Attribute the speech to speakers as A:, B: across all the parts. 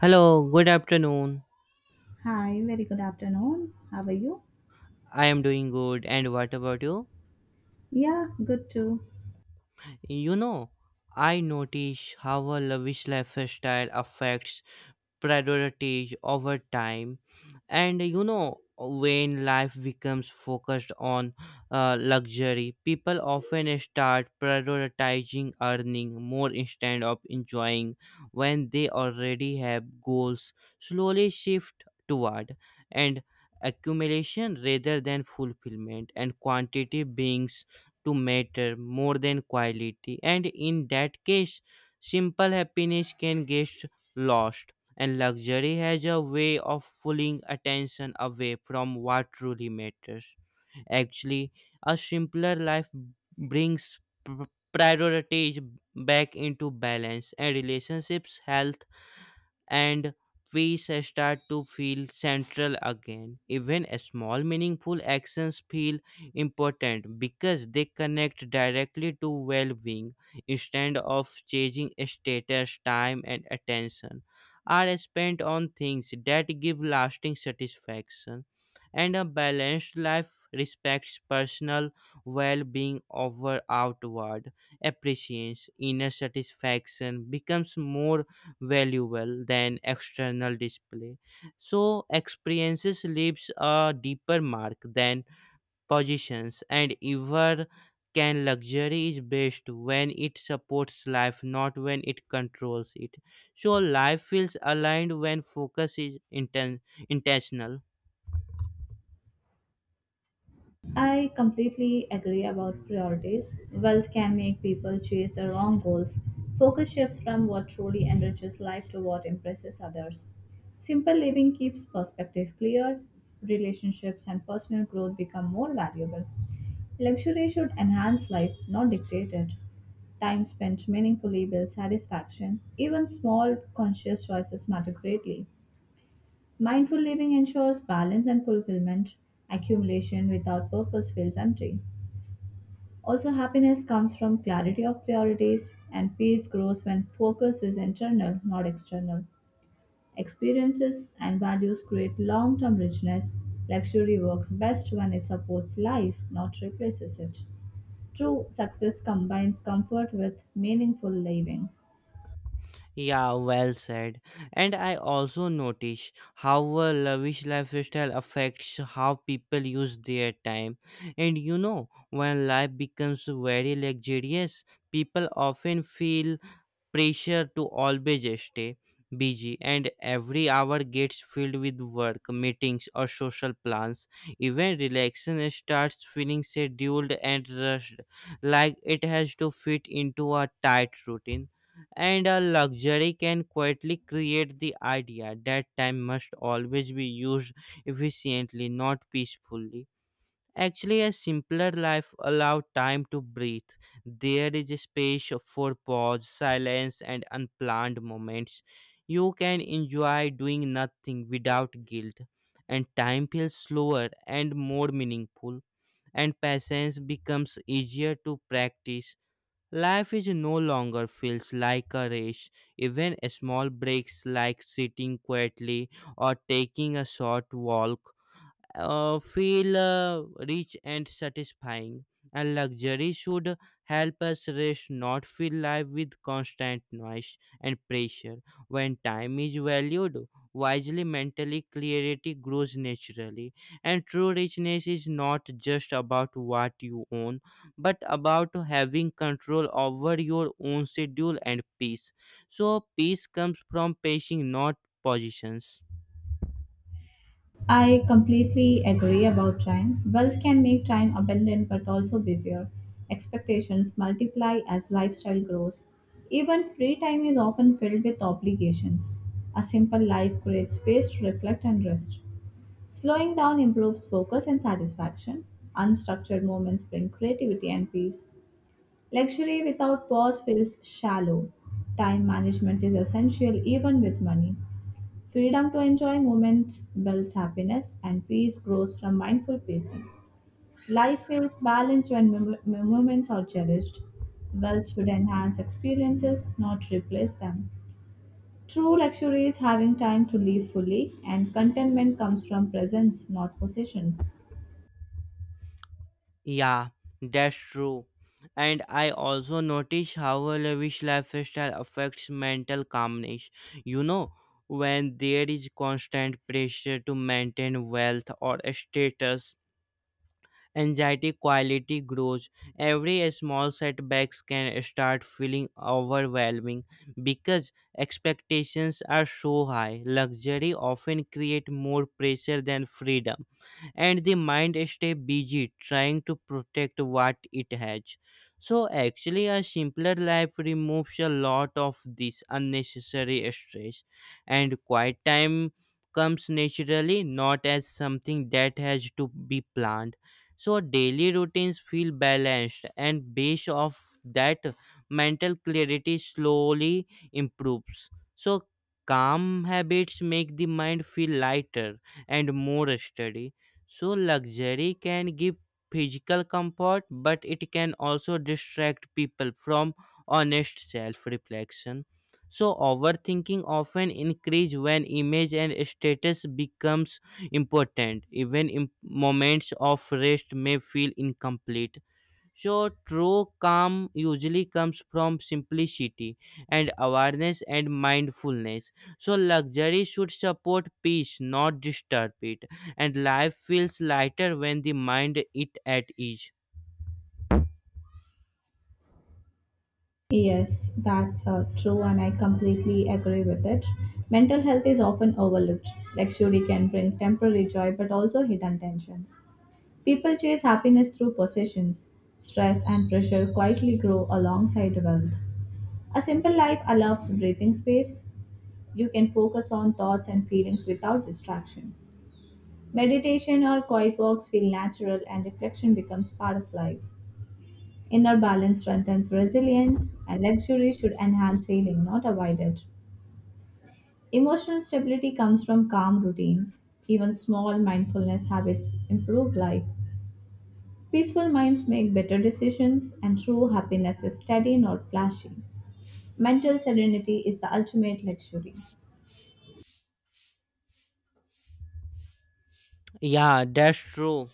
A: Hello, good afternoon.
B: Hi, very good afternoon. How are you?
A: I am doing good, and what about you?
B: Yeah, good too.
A: You know, I notice how a lavish lifestyle affects priorities over time and you know when life becomes focused on luxury people often start prioritizing earning more instead of enjoying when they already have goals slowly shift toward and accumulation rather than fulfillment and quantity beings to matter more than quality, and in that case simple happiness can get lost, and luxury has a way of pulling attention away from what truly matters. Actually, a simpler life brings p- priorities back into balance, and relationships, health, and we start to feel central again. Even small meaningful actions feel important because they connect directly to well-being. Instead of changing status, time and attention are spent on things that give lasting satisfaction. And a balanced life respects personal well-being over outward appreciation. Inner satisfaction becomes more valuable than external display. So experiences leaves a deeper mark than positions and ever can. Luxury is best when it supports life, not when it controls it, so life feels aligned when focus is intentional.
B: I completely agree about
A: Mm, thank-
B: priorities. Wealth can make people chase the wrong goals. Focus shifts from what truly enriches life to what impresses others. Simple living keeps perspective clear, relationships and personal growth become more valuable. Luxury should enhance life, not dictate it. Time spent meaningfully builds satisfaction. Even small conscious choices matter greatly. Mindful living ensures balance and fulfillment. Accumulation without purpose feels empty. Also, happiness comes from clarity of priorities, and peace grows when focus is internal, not external. Experiences and values create long term richness. Luxury works best when it supports life, not replaces it. True success combines comfort with meaningful living.
A: Yeah, well said. And I also notice how a lavish lifestyle affects how people use their time. And you know, when life becomes very luxurious, people often feel pressure to always stay busy, and every hour gets filled with work meetings or social plans. Even relaxation starts feeling scheduled and rushed, like it has to fit into a tight routine, and a luxury can quietly create the idea that time must always be used efficiently, not peacefully. Actually, a simpler life allowed time to breathe. There is a space for pause, silence, and unplanned moments. You can enjoy doing nothing without guilt, and time feels slower and more meaningful, and patience becomes easier to practice. Life is no longer feels like a race. Even small breaks like sitting quietly or taking a short walk feel rich and satisfying. And luxury should help us rest, not fill life with constant noise and pressure. When time is valued wisely, mentally clarity grows naturally. And true richness is not just about what you own, but about having control over your own schedule and peace. So, peace comes from pacing, not positions.
B: I completely agree about time. Wealth can make time abundant but also busier. Expectations multiply as lifestyle grows. Even free time is often filled with obligations. A simple life creates space to reflect and rest. Slowing down improves focus and satisfaction. Unstructured moments bring creativity and peace. Luxury without pause feels shallow. Time management is essential even with money. Freedom to enjoy moments builds happiness, and peace grows from mindful pacing. Life feels balanced when moments are cherished. Wealth should enhance experiences, not replace them. True luxury is having time to live fully, and contentment comes from presence, not possessions.
A: Yeah, that's true. And I also notice how a lavish lifestyle affects mental calmness. You know, when there is constant pressure to maintain wealth or status, anxiety quality grows. Every small setbacks can start feeling overwhelming because expectations are so high. Luxury often create more pressure than freedom, and the mind stay busy trying to protect what it has. So actually a simpler life removes a lot of this unnecessary stress, and quiet time comes naturally, not as something that has to be planned, so daily routines feel balanced, and based off that mental clarity slowly improves. So calm habits make the mind feel lighter and more steady. So, luxury can give physical comfort, but it can also distract people from honest self reflection. So, overthinking often increase when image and status becomes important. Even moments of rest may feel incomplete. So, true calm usually comes from simplicity and awareness and mindfulness. So, luxury should support peace, not disturb it. And life feels lighter when the mind is at ease.
B: Yes, that's true, and I completely agree with it. Mental health is often overlooked. Luxury can bring temporary joy but also hidden tensions. People chase happiness through possessions. Stress and pressure quietly grow alongside wealth. A simple life allows breathing space. You can focus on thoughts and feelings without distraction. Meditation or quiet walks feel natural and reflection becomes part of life. Inner balance strengthens resilience, and luxury should enhance healing, not avoid it. Emotional stability comes from calm routines. Even small mindfulness habits improve life. Peaceful minds make better decisions, and true happiness is steady, not flashy. Mental serenity is the ultimate luxury.
A: Yeah, that's true.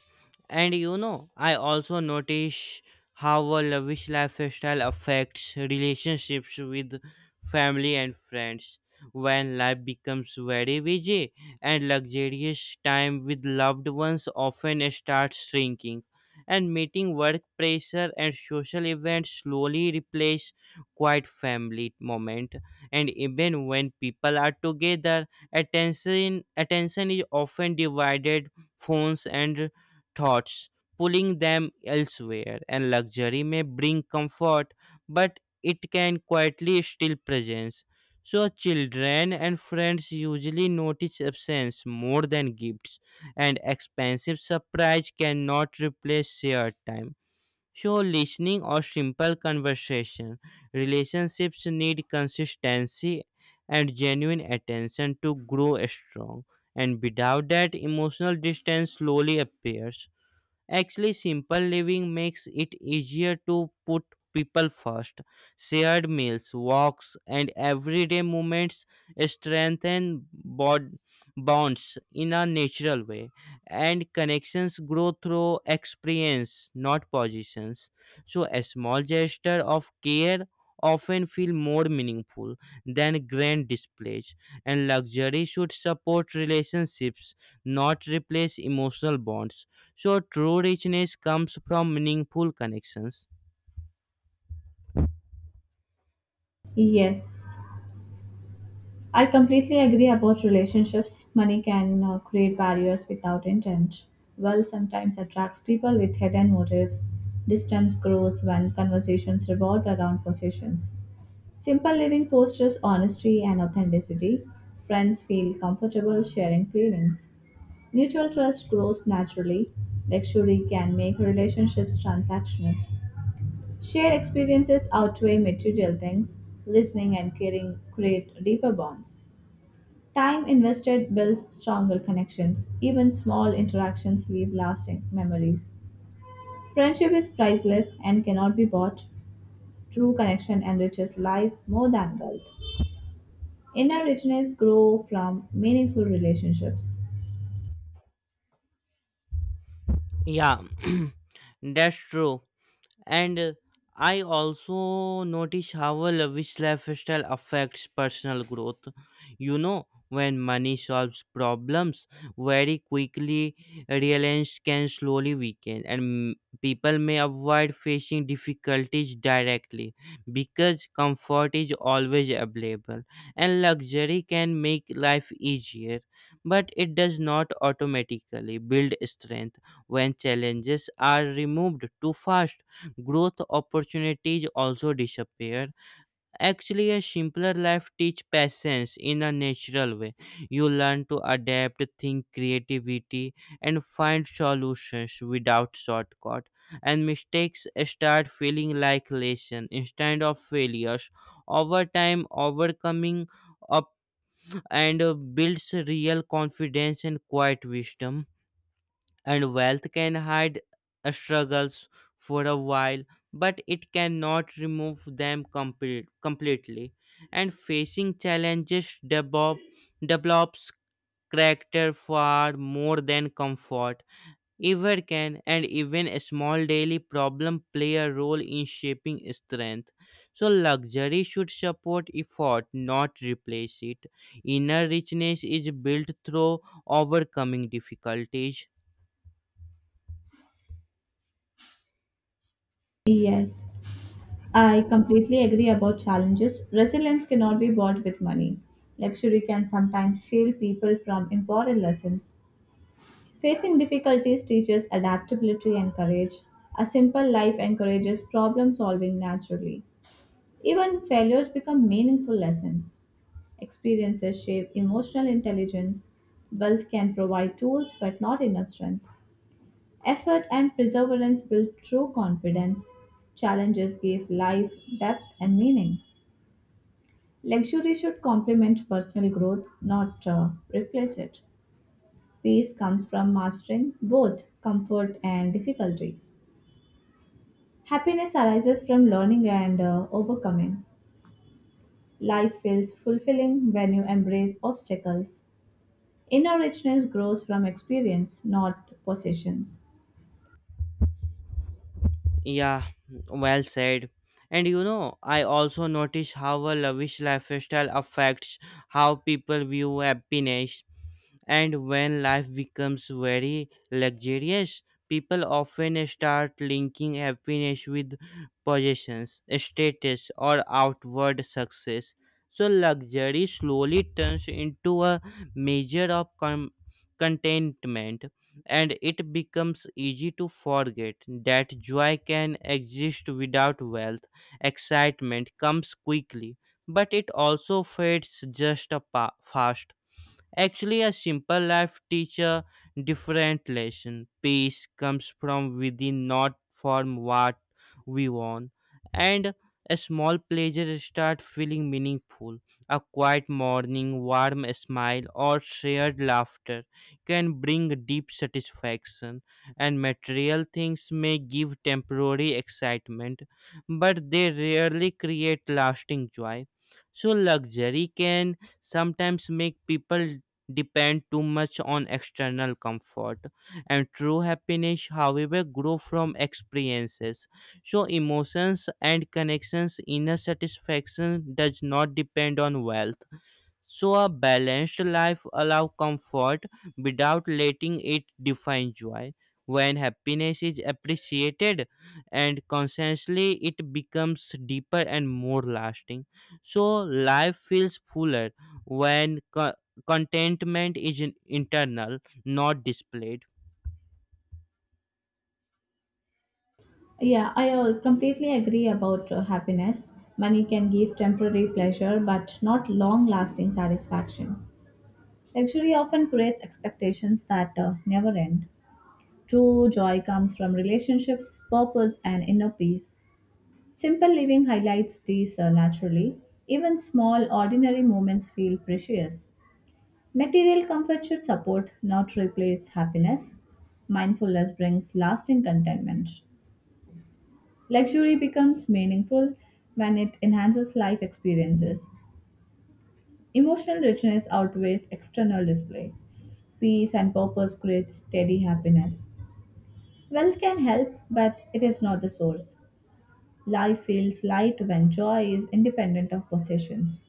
A: And you know, I also notice how a lavish lifestyle affects relationships with family and friends. When life becomes very busy and luxurious, time with loved ones often starts shrinking, and meeting work pressure and social events slowly replace quiet family moment. And even when people are together, attention is often divided, phones and thoughts, pulling them elsewhere. And luxury may bring comfort, but it can quietly steal presence. So, children and friends usually notice absence more than gifts, and expensive surprise cannot replace shared time, show listening or simple conversation. Relationships need consistency and genuine attention to grow strong, and without that, emotional distance slowly appears. Actually, simple living makes it easier to put people first. Shared meals, walks, and everyday movements strengthen bonds in a natural way, and connections grow through experience, not positions. So, a small gesture of care often feel more meaningful than grand displays, and luxury should support relationships, not replace emotional bonds. So true richness comes from meaningful connections.
B: Yes, I completely agree about relationships. Money can create barriers without intent. Wealth sometimes attracts people with hidden motives. Distance grows when conversations revolve around possessions. Simple living fosters honesty and authenticity. Friends feel comfortable sharing feelings. Mutual trust grows naturally. Luxury can make relationships transactional. Shared experiences outweigh material things. Listening and caring create deeper bonds. Time invested builds stronger connections. Even small interactions leave lasting memories. Friendship is priceless and cannot be bought. True connection enriches life more than wealth. Inner richness grows from meaningful relationships.
A: Yeah, that's true. And I also notice how a lavish lifestyle affects personal growth. You know, when money solves problems very quickly, reliance can slowly weaken, and people may avoid facing difficulties directly because comfort is always available, and luxury can make life easier. But it does not automatically build strength. When challenges are removed too fast, growth opportunities also disappear. Actually, a simpler life teach patience in a natural way. You learn to adapt, think creativity, and find solutions without shortcut. And mistakes start feeling like lesson instead of failures. Over time, overcoming up and builds real confidence and quiet wisdom, and wealth can hide struggles for a while, but it cannot remove them completely. And develops character far more than comfort ever can, and even a small daily problem play a role in shaping strength. So, luxury should support effort, not replace it. Inner richness is built through overcoming difficulties.
B: Yes, I completely agree about challenges. Resilience cannot be bought with money. Luxury can sometimes shield people from important lessons. Facing difficulties teaches adaptability and courage. A simple life encourages problem solving naturally. Even failures become meaningful lessons. Experiences shape emotional intelligence. Wealth can provide tools but not inner strength. Effort and perseverance build true confidence. Challenges give life depth and meaning. Luxury should complement personal growth, not replace it. Peace comes from mastering both comfort and difficulty. Happiness arises from learning and overcoming. Life feels fulfilling when you embrace obstacles. Inner richness grows from experience, not possessions.
A: Yeah, well said. And you know, I also notice how a lavish lifestyle affects how people view happiness. And when life becomes very luxurious, people often start linking happiness with possessions, status, or outward success. So, luxury slowly turns into a measure of contentment, and it becomes easy to forget that joy can exist without wealth. Excitement comes quickly, but it also fades just a fast. Actually, a simple life teaches a different lesson. Peace comes from within, not from what we want. And a small pleasure start feeling meaningful. A quiet morning, warm smile, or shared laughter can bring deep satisfaction. And material things may give temporary excitement, but they rarely create lasting joy. So, luxury can sometimes make people depend too much on external comfort, and true happiness however grow from experiences. So emotions and connections, inner satisfaction does not depend on wealth. So a balanced life allows comfort without letting it define joy. When happiness is appreciated and consciously, it becomes deeper and more lasting. So life feels fuller when contentment is internal, not displayed.
B: Completely agree about happiness. Money can give temporary pleasure, but not long lasting satisfaction. Luxury often creates expectations that never end. True joy comes from relationships, purpose, and inner peace. Simple living highlights these naturally. Even small, ordinary moments feel precious. Material comfort should support, not replace, happiness. Mindfulness brings lasting contentment. Luxury becomes meaningful when it enhances life experiences. Emotional richness outweighs external display. Peace and purpose create steady happiness. Wealth can help, but it is not the source. Life feels light when joy is independent of possessions.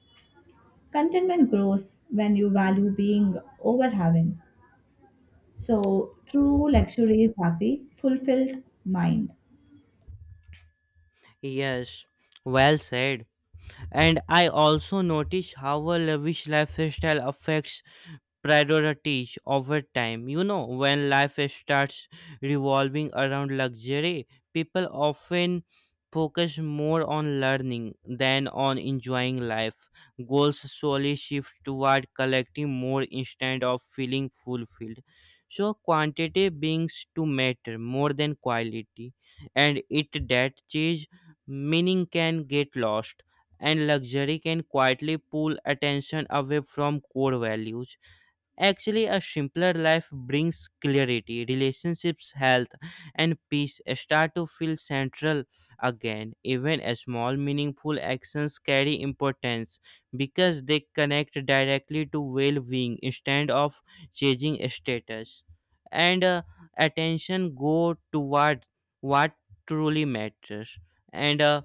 B: Contentment grows when you value being over having. So, true luxury is happy, fulfilled mind.
A: Yes, well said. And I also notice how a lavish lifestyle affects priorities over time. You know, when life starts revolving around luxury, people often focus more on learning than on enjoying life. Goals slowly shift toward collecting more instead of feeling fulfilled, so quantity begins to matter more than quality, and it that chase, meaning can get lost, and luxury can quietly pull attention away from core values. Actually, a simpler life brings clarity, relationships, health, and peace start to feel central again. Even a small, meaningful actions carry importance because they connect directly to well being instead of changing status. And attention go toward what truly matters. And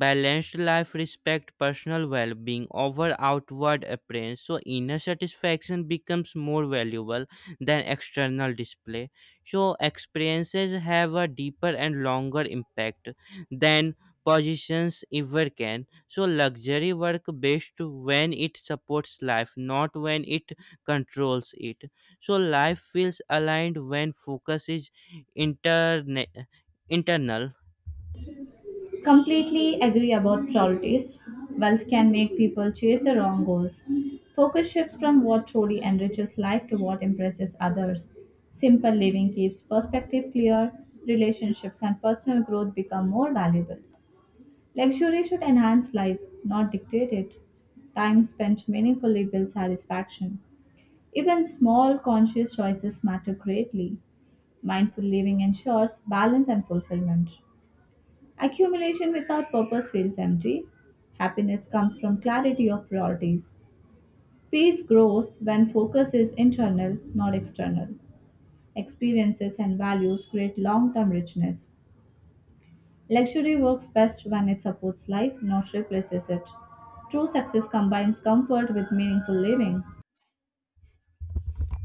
A: Balanced life respect personal well-being over outward appearance, so inner satisfaction becomes more valuable than external display. So experiences have a deeper and longer impact than positions ever can. So luxury work best when it supports life, not when it controls it. So life feels aligned when focus is interne- internal.
B: Completely agree about priorities. Wealth can make people chase the wrong goals. Focus shifts from what truly enriches life to what impresses others. Simple living keeps perspective clear, relationships and personal growth become more valuable. Luxury should enhance life, not dictate it. Time spent meaningfully builds satisfaction. Even small conscious choices matter greatly. Mindful living ensures balance and fulfillment. Accumulation without purpose feels empty. Happiness comes from clarity of priorities. Peace grows when focus is internal, not external. Experiences and values create long term richness. Luxury works best when it supports life, not replaces it. True success combines comfort with meaningful living.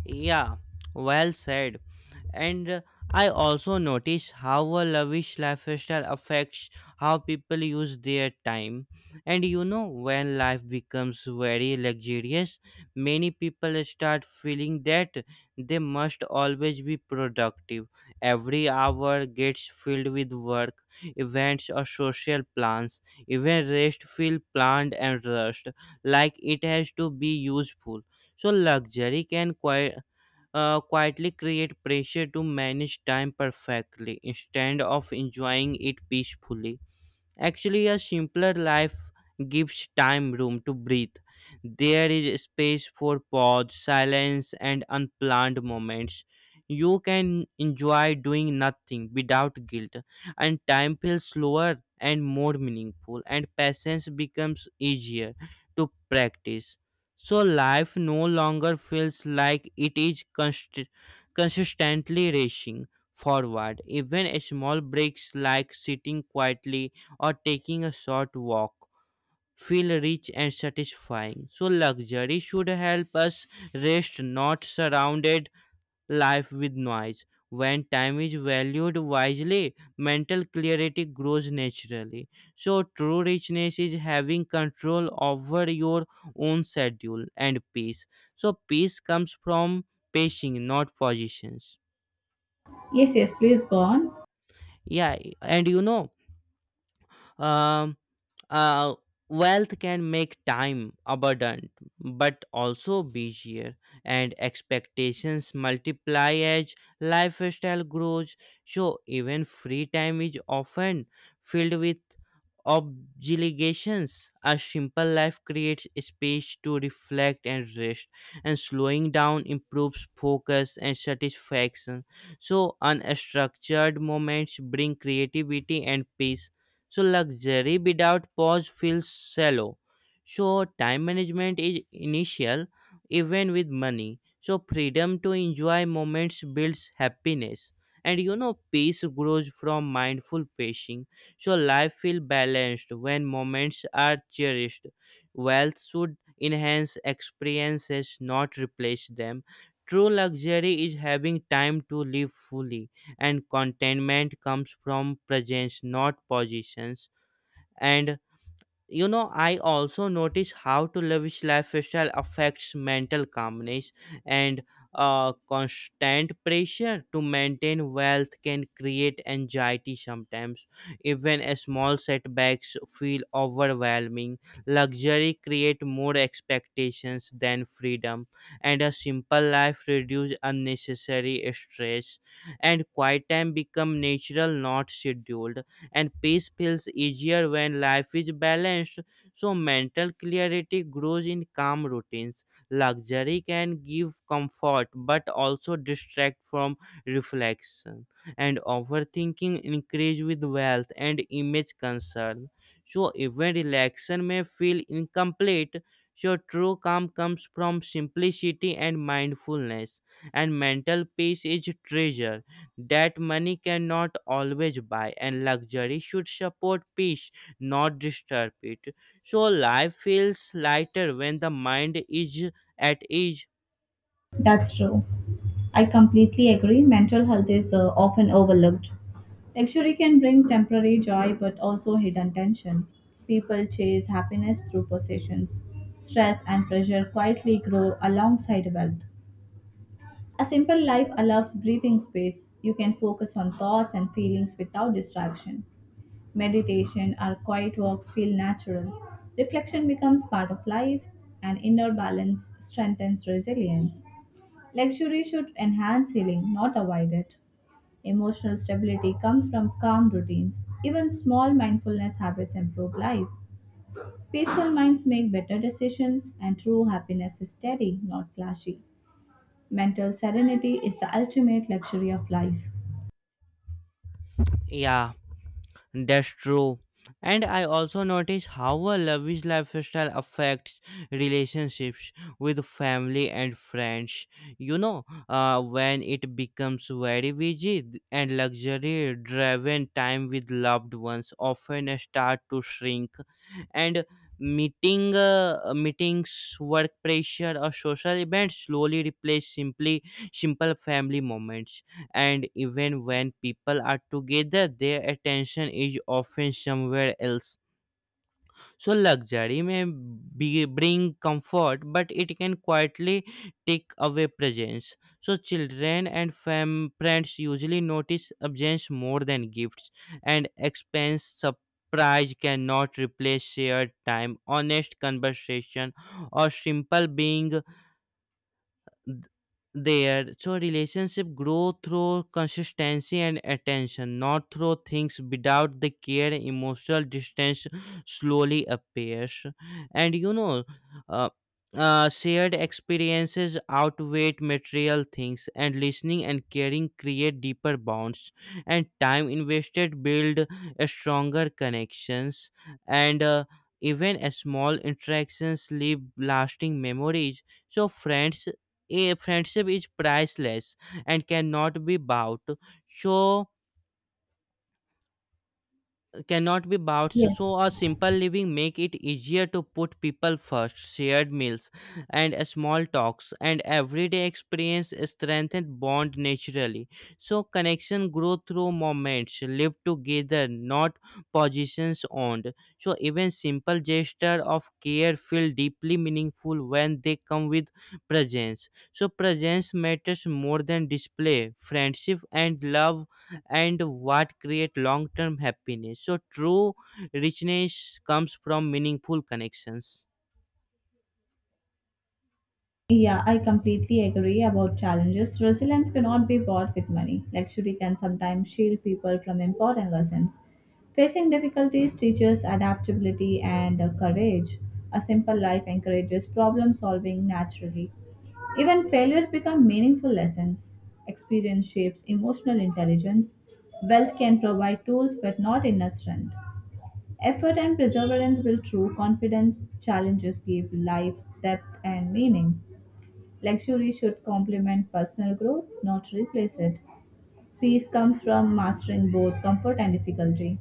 A: Yeah, well said. And I also notice how a lavish lifestyle affects how people use their time. And you know, when life becomes very luxurious, many people start feeling that they must always be productive. Every hour gets filled with work, events, or social plans. Even rest feels planned and rushed, like it has to be useful. So luxury can quietly create pressure to manage time perfectly instead of enjoying it peacefully. Actually, a simpler life gives time room to breathe. There is space for pause, silence, and unplanned moments. You can enjoy doing nothing without guilt, and time feels slower and more meaningful, and patience becomes easier to practice. So, life no longer feels like it is consistently racing forward. Even small breaks like sitting quietly or taking a short walk feel rich and satisfying. So luxury should help us rest, not surrounded life with noise. When time is valued wisely, mental clarity grows naturally. So true richness is having control over your own schedule and peace. So peace comes from pacing, not positions.
B: Yes, yes, please go on.
A: Yeah, and you know, um, Uh, wealth can make time abundant, but also busier, and expectations multiply as lifestyle grows. So, even free time is often filled with obligations. A simple life creates space to reflect and rest, and slowing down improves focus and satisfaction. So, unstructured moments bring creativity and peace. So luxury without pause feels shallow. So time management is initial even with money. So freedom to enjoy moments builds happiness. And you know peace grows from mindful pacing. So life feels balanced when moments are cherished. Wealth should enhance experiences, not replace them. True luxury is having time to live fully, and contentment comes from presence, not positions. And you know I also notice how to lavish lifestyle affects mental calmness, and constant pressure to maintain wealth can create anxiety sometimes. Even a small setbacks feel overwhelming. Luxury create more expectations than freedom, and a simple life reduce unnecessary stress, and quiet time become natural, not scheduled, and peace feels easier when life is balanced. So, mental clarity grows in calm routines. Luxury can give comfort but also distract from reflection, and overthinking increase with wealth and image concern. So, even relaxation may feel incomplete. So, true calm comes from simplicity and mindfulness, and mental peace is treasure that money cannot always buy, and luxury should support peace, not disturb it. So life feels lighter when the mind is at ease.
B: That's true. I completely agree. Mental health is often overlooked. Luxury can bring temporary joy but also hidden tension. People chase happiness through possessions. Stress and pressure quietly grow alongside wealth. A simple life allows breathing space. You can focus on thoughts and feelings without distraction. Meditation or quiet walks feel natural. Reflection becomes part of life, and inner balance strengthens resilience. Luxury should enhance healing, not avoid it. Emotional stability comes from calm routines. Even small mindfulness habits improve life. Peaceful minds make better decisions, and true happiness is steady, not flashy. Mental serenity is the ultimate luxury of life.
A: Yeah. That's true. And I also notice how a lavish lifestyle affects relationships with family and friends. When it becomes very busy and luxury driven, time with loved ones often start to shrink. And meetings, work pressure, or social events slowly replace simply simple family moments, and even when people are together, their attention is often somewhere else. So luxury may be, bring comfort, but it can quietly take away presence. So children and friends usually notice absence more than gifts, and expense surprise cannot replace shared time, honest conversation, or simple being th- there. So relationship grow through consistency and attention, not through things without the care. Emotional distance slowly appears, and uh, shared experiences outweigh material things, and listening and caring create deeper bonds, and time invested build a stronger connections, and even a small interactions leave lasting memories. So friends a friendship is priceless and cannot be bought. So cannot be bouts, so
B: Yes.
A: a simple living make it easier to put people first. Shared meals and small talks and everyday experience strengthen bond naturally. So connection grow through moments lived together, not positions owned. So even simple gesture of care feel deeply meaningful when they come with presence. So presence matters more than display. Friendship and love and what create long term happiness. So true richness comes from meaningful connections.
B: Yeah, I completely agree about challenges. Resilience cannot be bought with money. Luxury can sometimes shield people from important lessons. Facing difficulties teaches adaptability and courage. A simple life encourages problem solving naturally. Even failures become meaningful lessons. Experience shapes emotional intelligence. Wealth can provide tools but not inner strength. Effort and perseverance build true confidence. Challenges give life depth and meaning. Luxury should complement personal growth, not replace it. Peace comes from mastering both comfort and difficulty.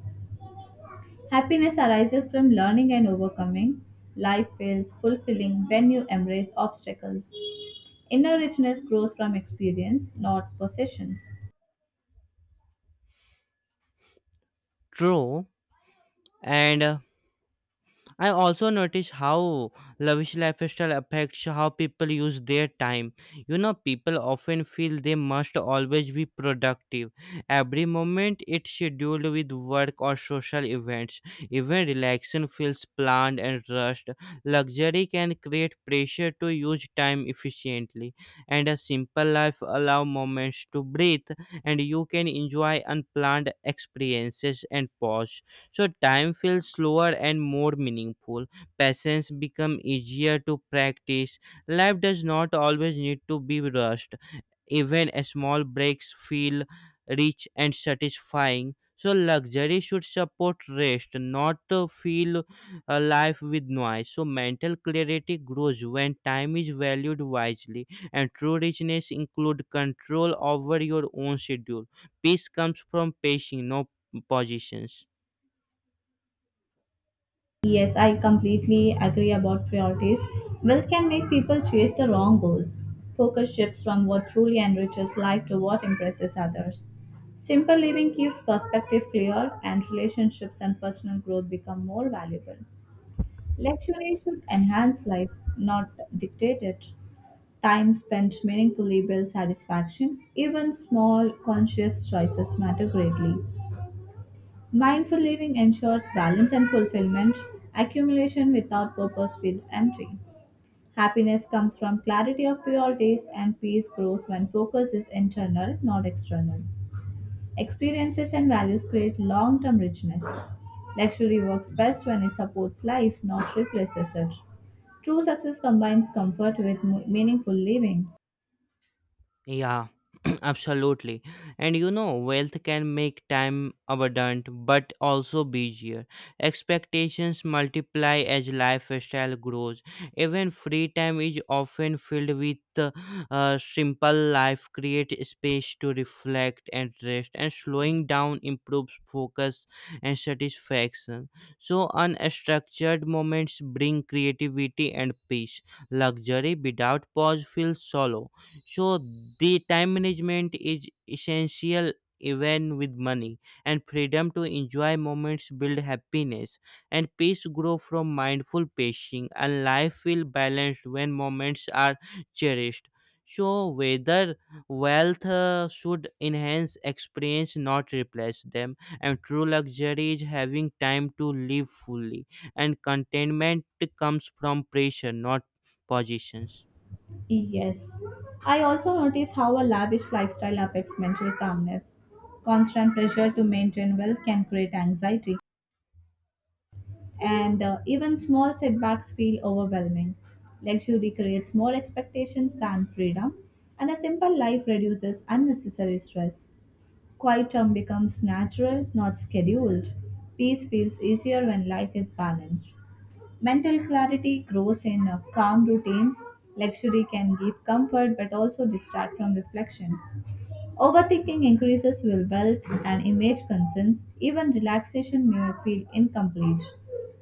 B: Happiness arises from learning and overcoming. Life feels fulfilling when you embrace obstacles. Inner richness grows from experience, not possessions.
A: True. And I also notice how lavish lifestyle affects how people use their time. You know, people often feel they must always be productive. Every moment it's scheduled with work or social events. Even relaxation feels planned and rushed. Luxury can create pressure to use time efficiently, and a simple life allow moments to breathe, and you can enjoy unplanned experiences and pause. So time feels slower and more meaningful. Patience become easier to practice. Life does not always need to be rushed. Even small breaks feel rich and satisfying. So luxury should support rest, not fill a life with noise. So mental clarity grows when time is valued wisely, and true richness include control over your own schedule. Peace comes from pacing, no positions.
B: Yes, I completely agree about priorities. Wealth can make people chase the wrong goals. Focus shifts from what truly enriches life to what impresses others. Simple living keeps perspective clear, and relationships and personal growth become more valuable. Luxury should enhance life, not dictate it. Time spent meaningfully builds satisfaction. Even small, conscious choices matter greatly. Mindful living ensures balance and fulfillment. Accumulation without purpose feels empty. Happiness comes from clarity of priorities, and peace grows when focus is internal, not external. Experiences and values create long term richness. Luxury works best when it supports life, not replaces it. True success combines comfort with meaningful living.
A: Yeah, absolutely. And you know, wealth can make time abundant but also busier. Expectations multiply as lifestyle grows. Even free time is often filled with simple life, create space to reflect and rest, and slowing down improves focus and satisfaction. So, unstructured moments bring creativity and peace. Luxury without pause feels shallow. So the time management is essential even with money, and freedom to enjoy moments build happiness, and peace grow from mindful pacing, and life feel balanced when moments are cherished. So whether wealth should enhance experience, not replace them. And true luxury is having time to live fully, and contentment comes from pressure, not positions.
B: Yes. I also notice how a lavish lifestyle affects mental calmness. Constant pressure to maintain wealth can create anxiety, and even small setbacks feel overwhelming. Luxury creates more expectations than freedom, and a simple life reduces unnecessary stress. Quiet time becomes natural, not scheduled. Peace feels easier when life is balanced. Mental clarity grows in calm routines. Luxury can give comfort but also distract from reflection. Overthinking increases will wealth and image concerns. Even relaxation may feel incomplete.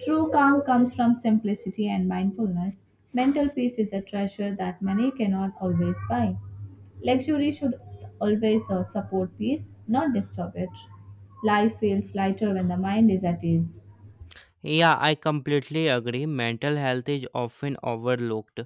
B: True calm comes from simplicity and mindfulness. Mental peace is a treasure that money cannot always buy. Luxury should always support peace, not disturb it. Life feels lighter when the mind is at ease.
A: Yeah, I completely agree. Mental health is often overlooked,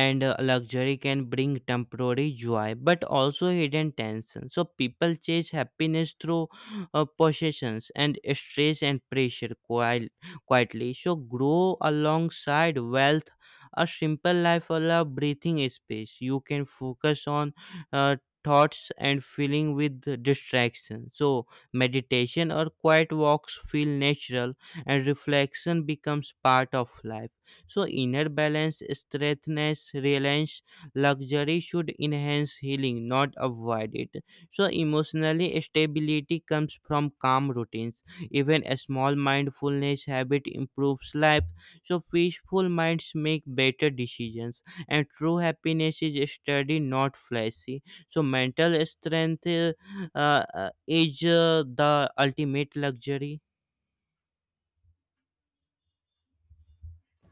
A: and luxury can bring temporary joy but also hidden tension. So, people chase happiness through possessions, and stress and pressure quietly. So, grow alongside wealth. A simple life allows breathing space. You can focus on uh, thoughts and feeling with distraction. So, meditation or quiet walks feel natural, and reflection becomes part of life. So, inner balance, strengthness, reliance, luxury should enhance healing, not avoid it. So, emotionally, stability comes from calm routines. Even a small mindfulness habit improves life. So, peaceful minds make better decisions, and true happiness is steady, not flashy. So, mental strength is the ultimate luxury.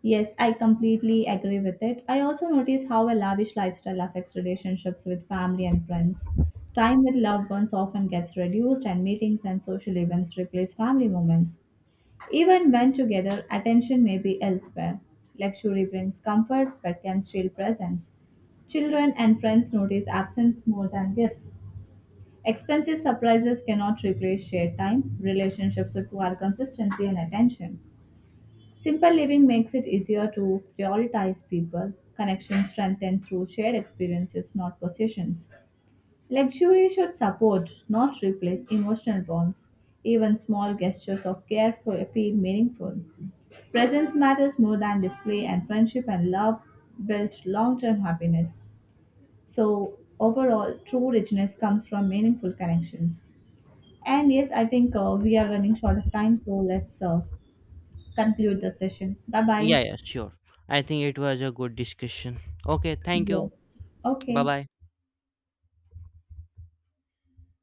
B: Yes, I completely agree with it. I also notice how a lavish lifestyle affects relationships with family and friends. Time with loved ones often gets reduced, and meetings and social events replace family moments. Even when together, attention may be elsewhere. Luxury brings comfort but can steal presence. Children and friends notice absence more than gifts. Expensive surprises cannot replace shared time. Relationships require consistency and attention. Simple living makes it easier to prioritize people. Connections strengthen through shared experiences, not possessions. Luxury should support, not replace, emotional bonds. Even small gestures of care feel meaningful. Presence matters more than display, and friendship and love build long term happiness. So, overall, true richness comes from meaningful connections. And yes, I think we are running short of time, so let's conclude the session. Bye
A: Yeah,
B: bye.
A: yeah, sure. I think it was a good discussion. Okay, thank you.
B: Yes.
A: Bye
B: Okay.
A: bye.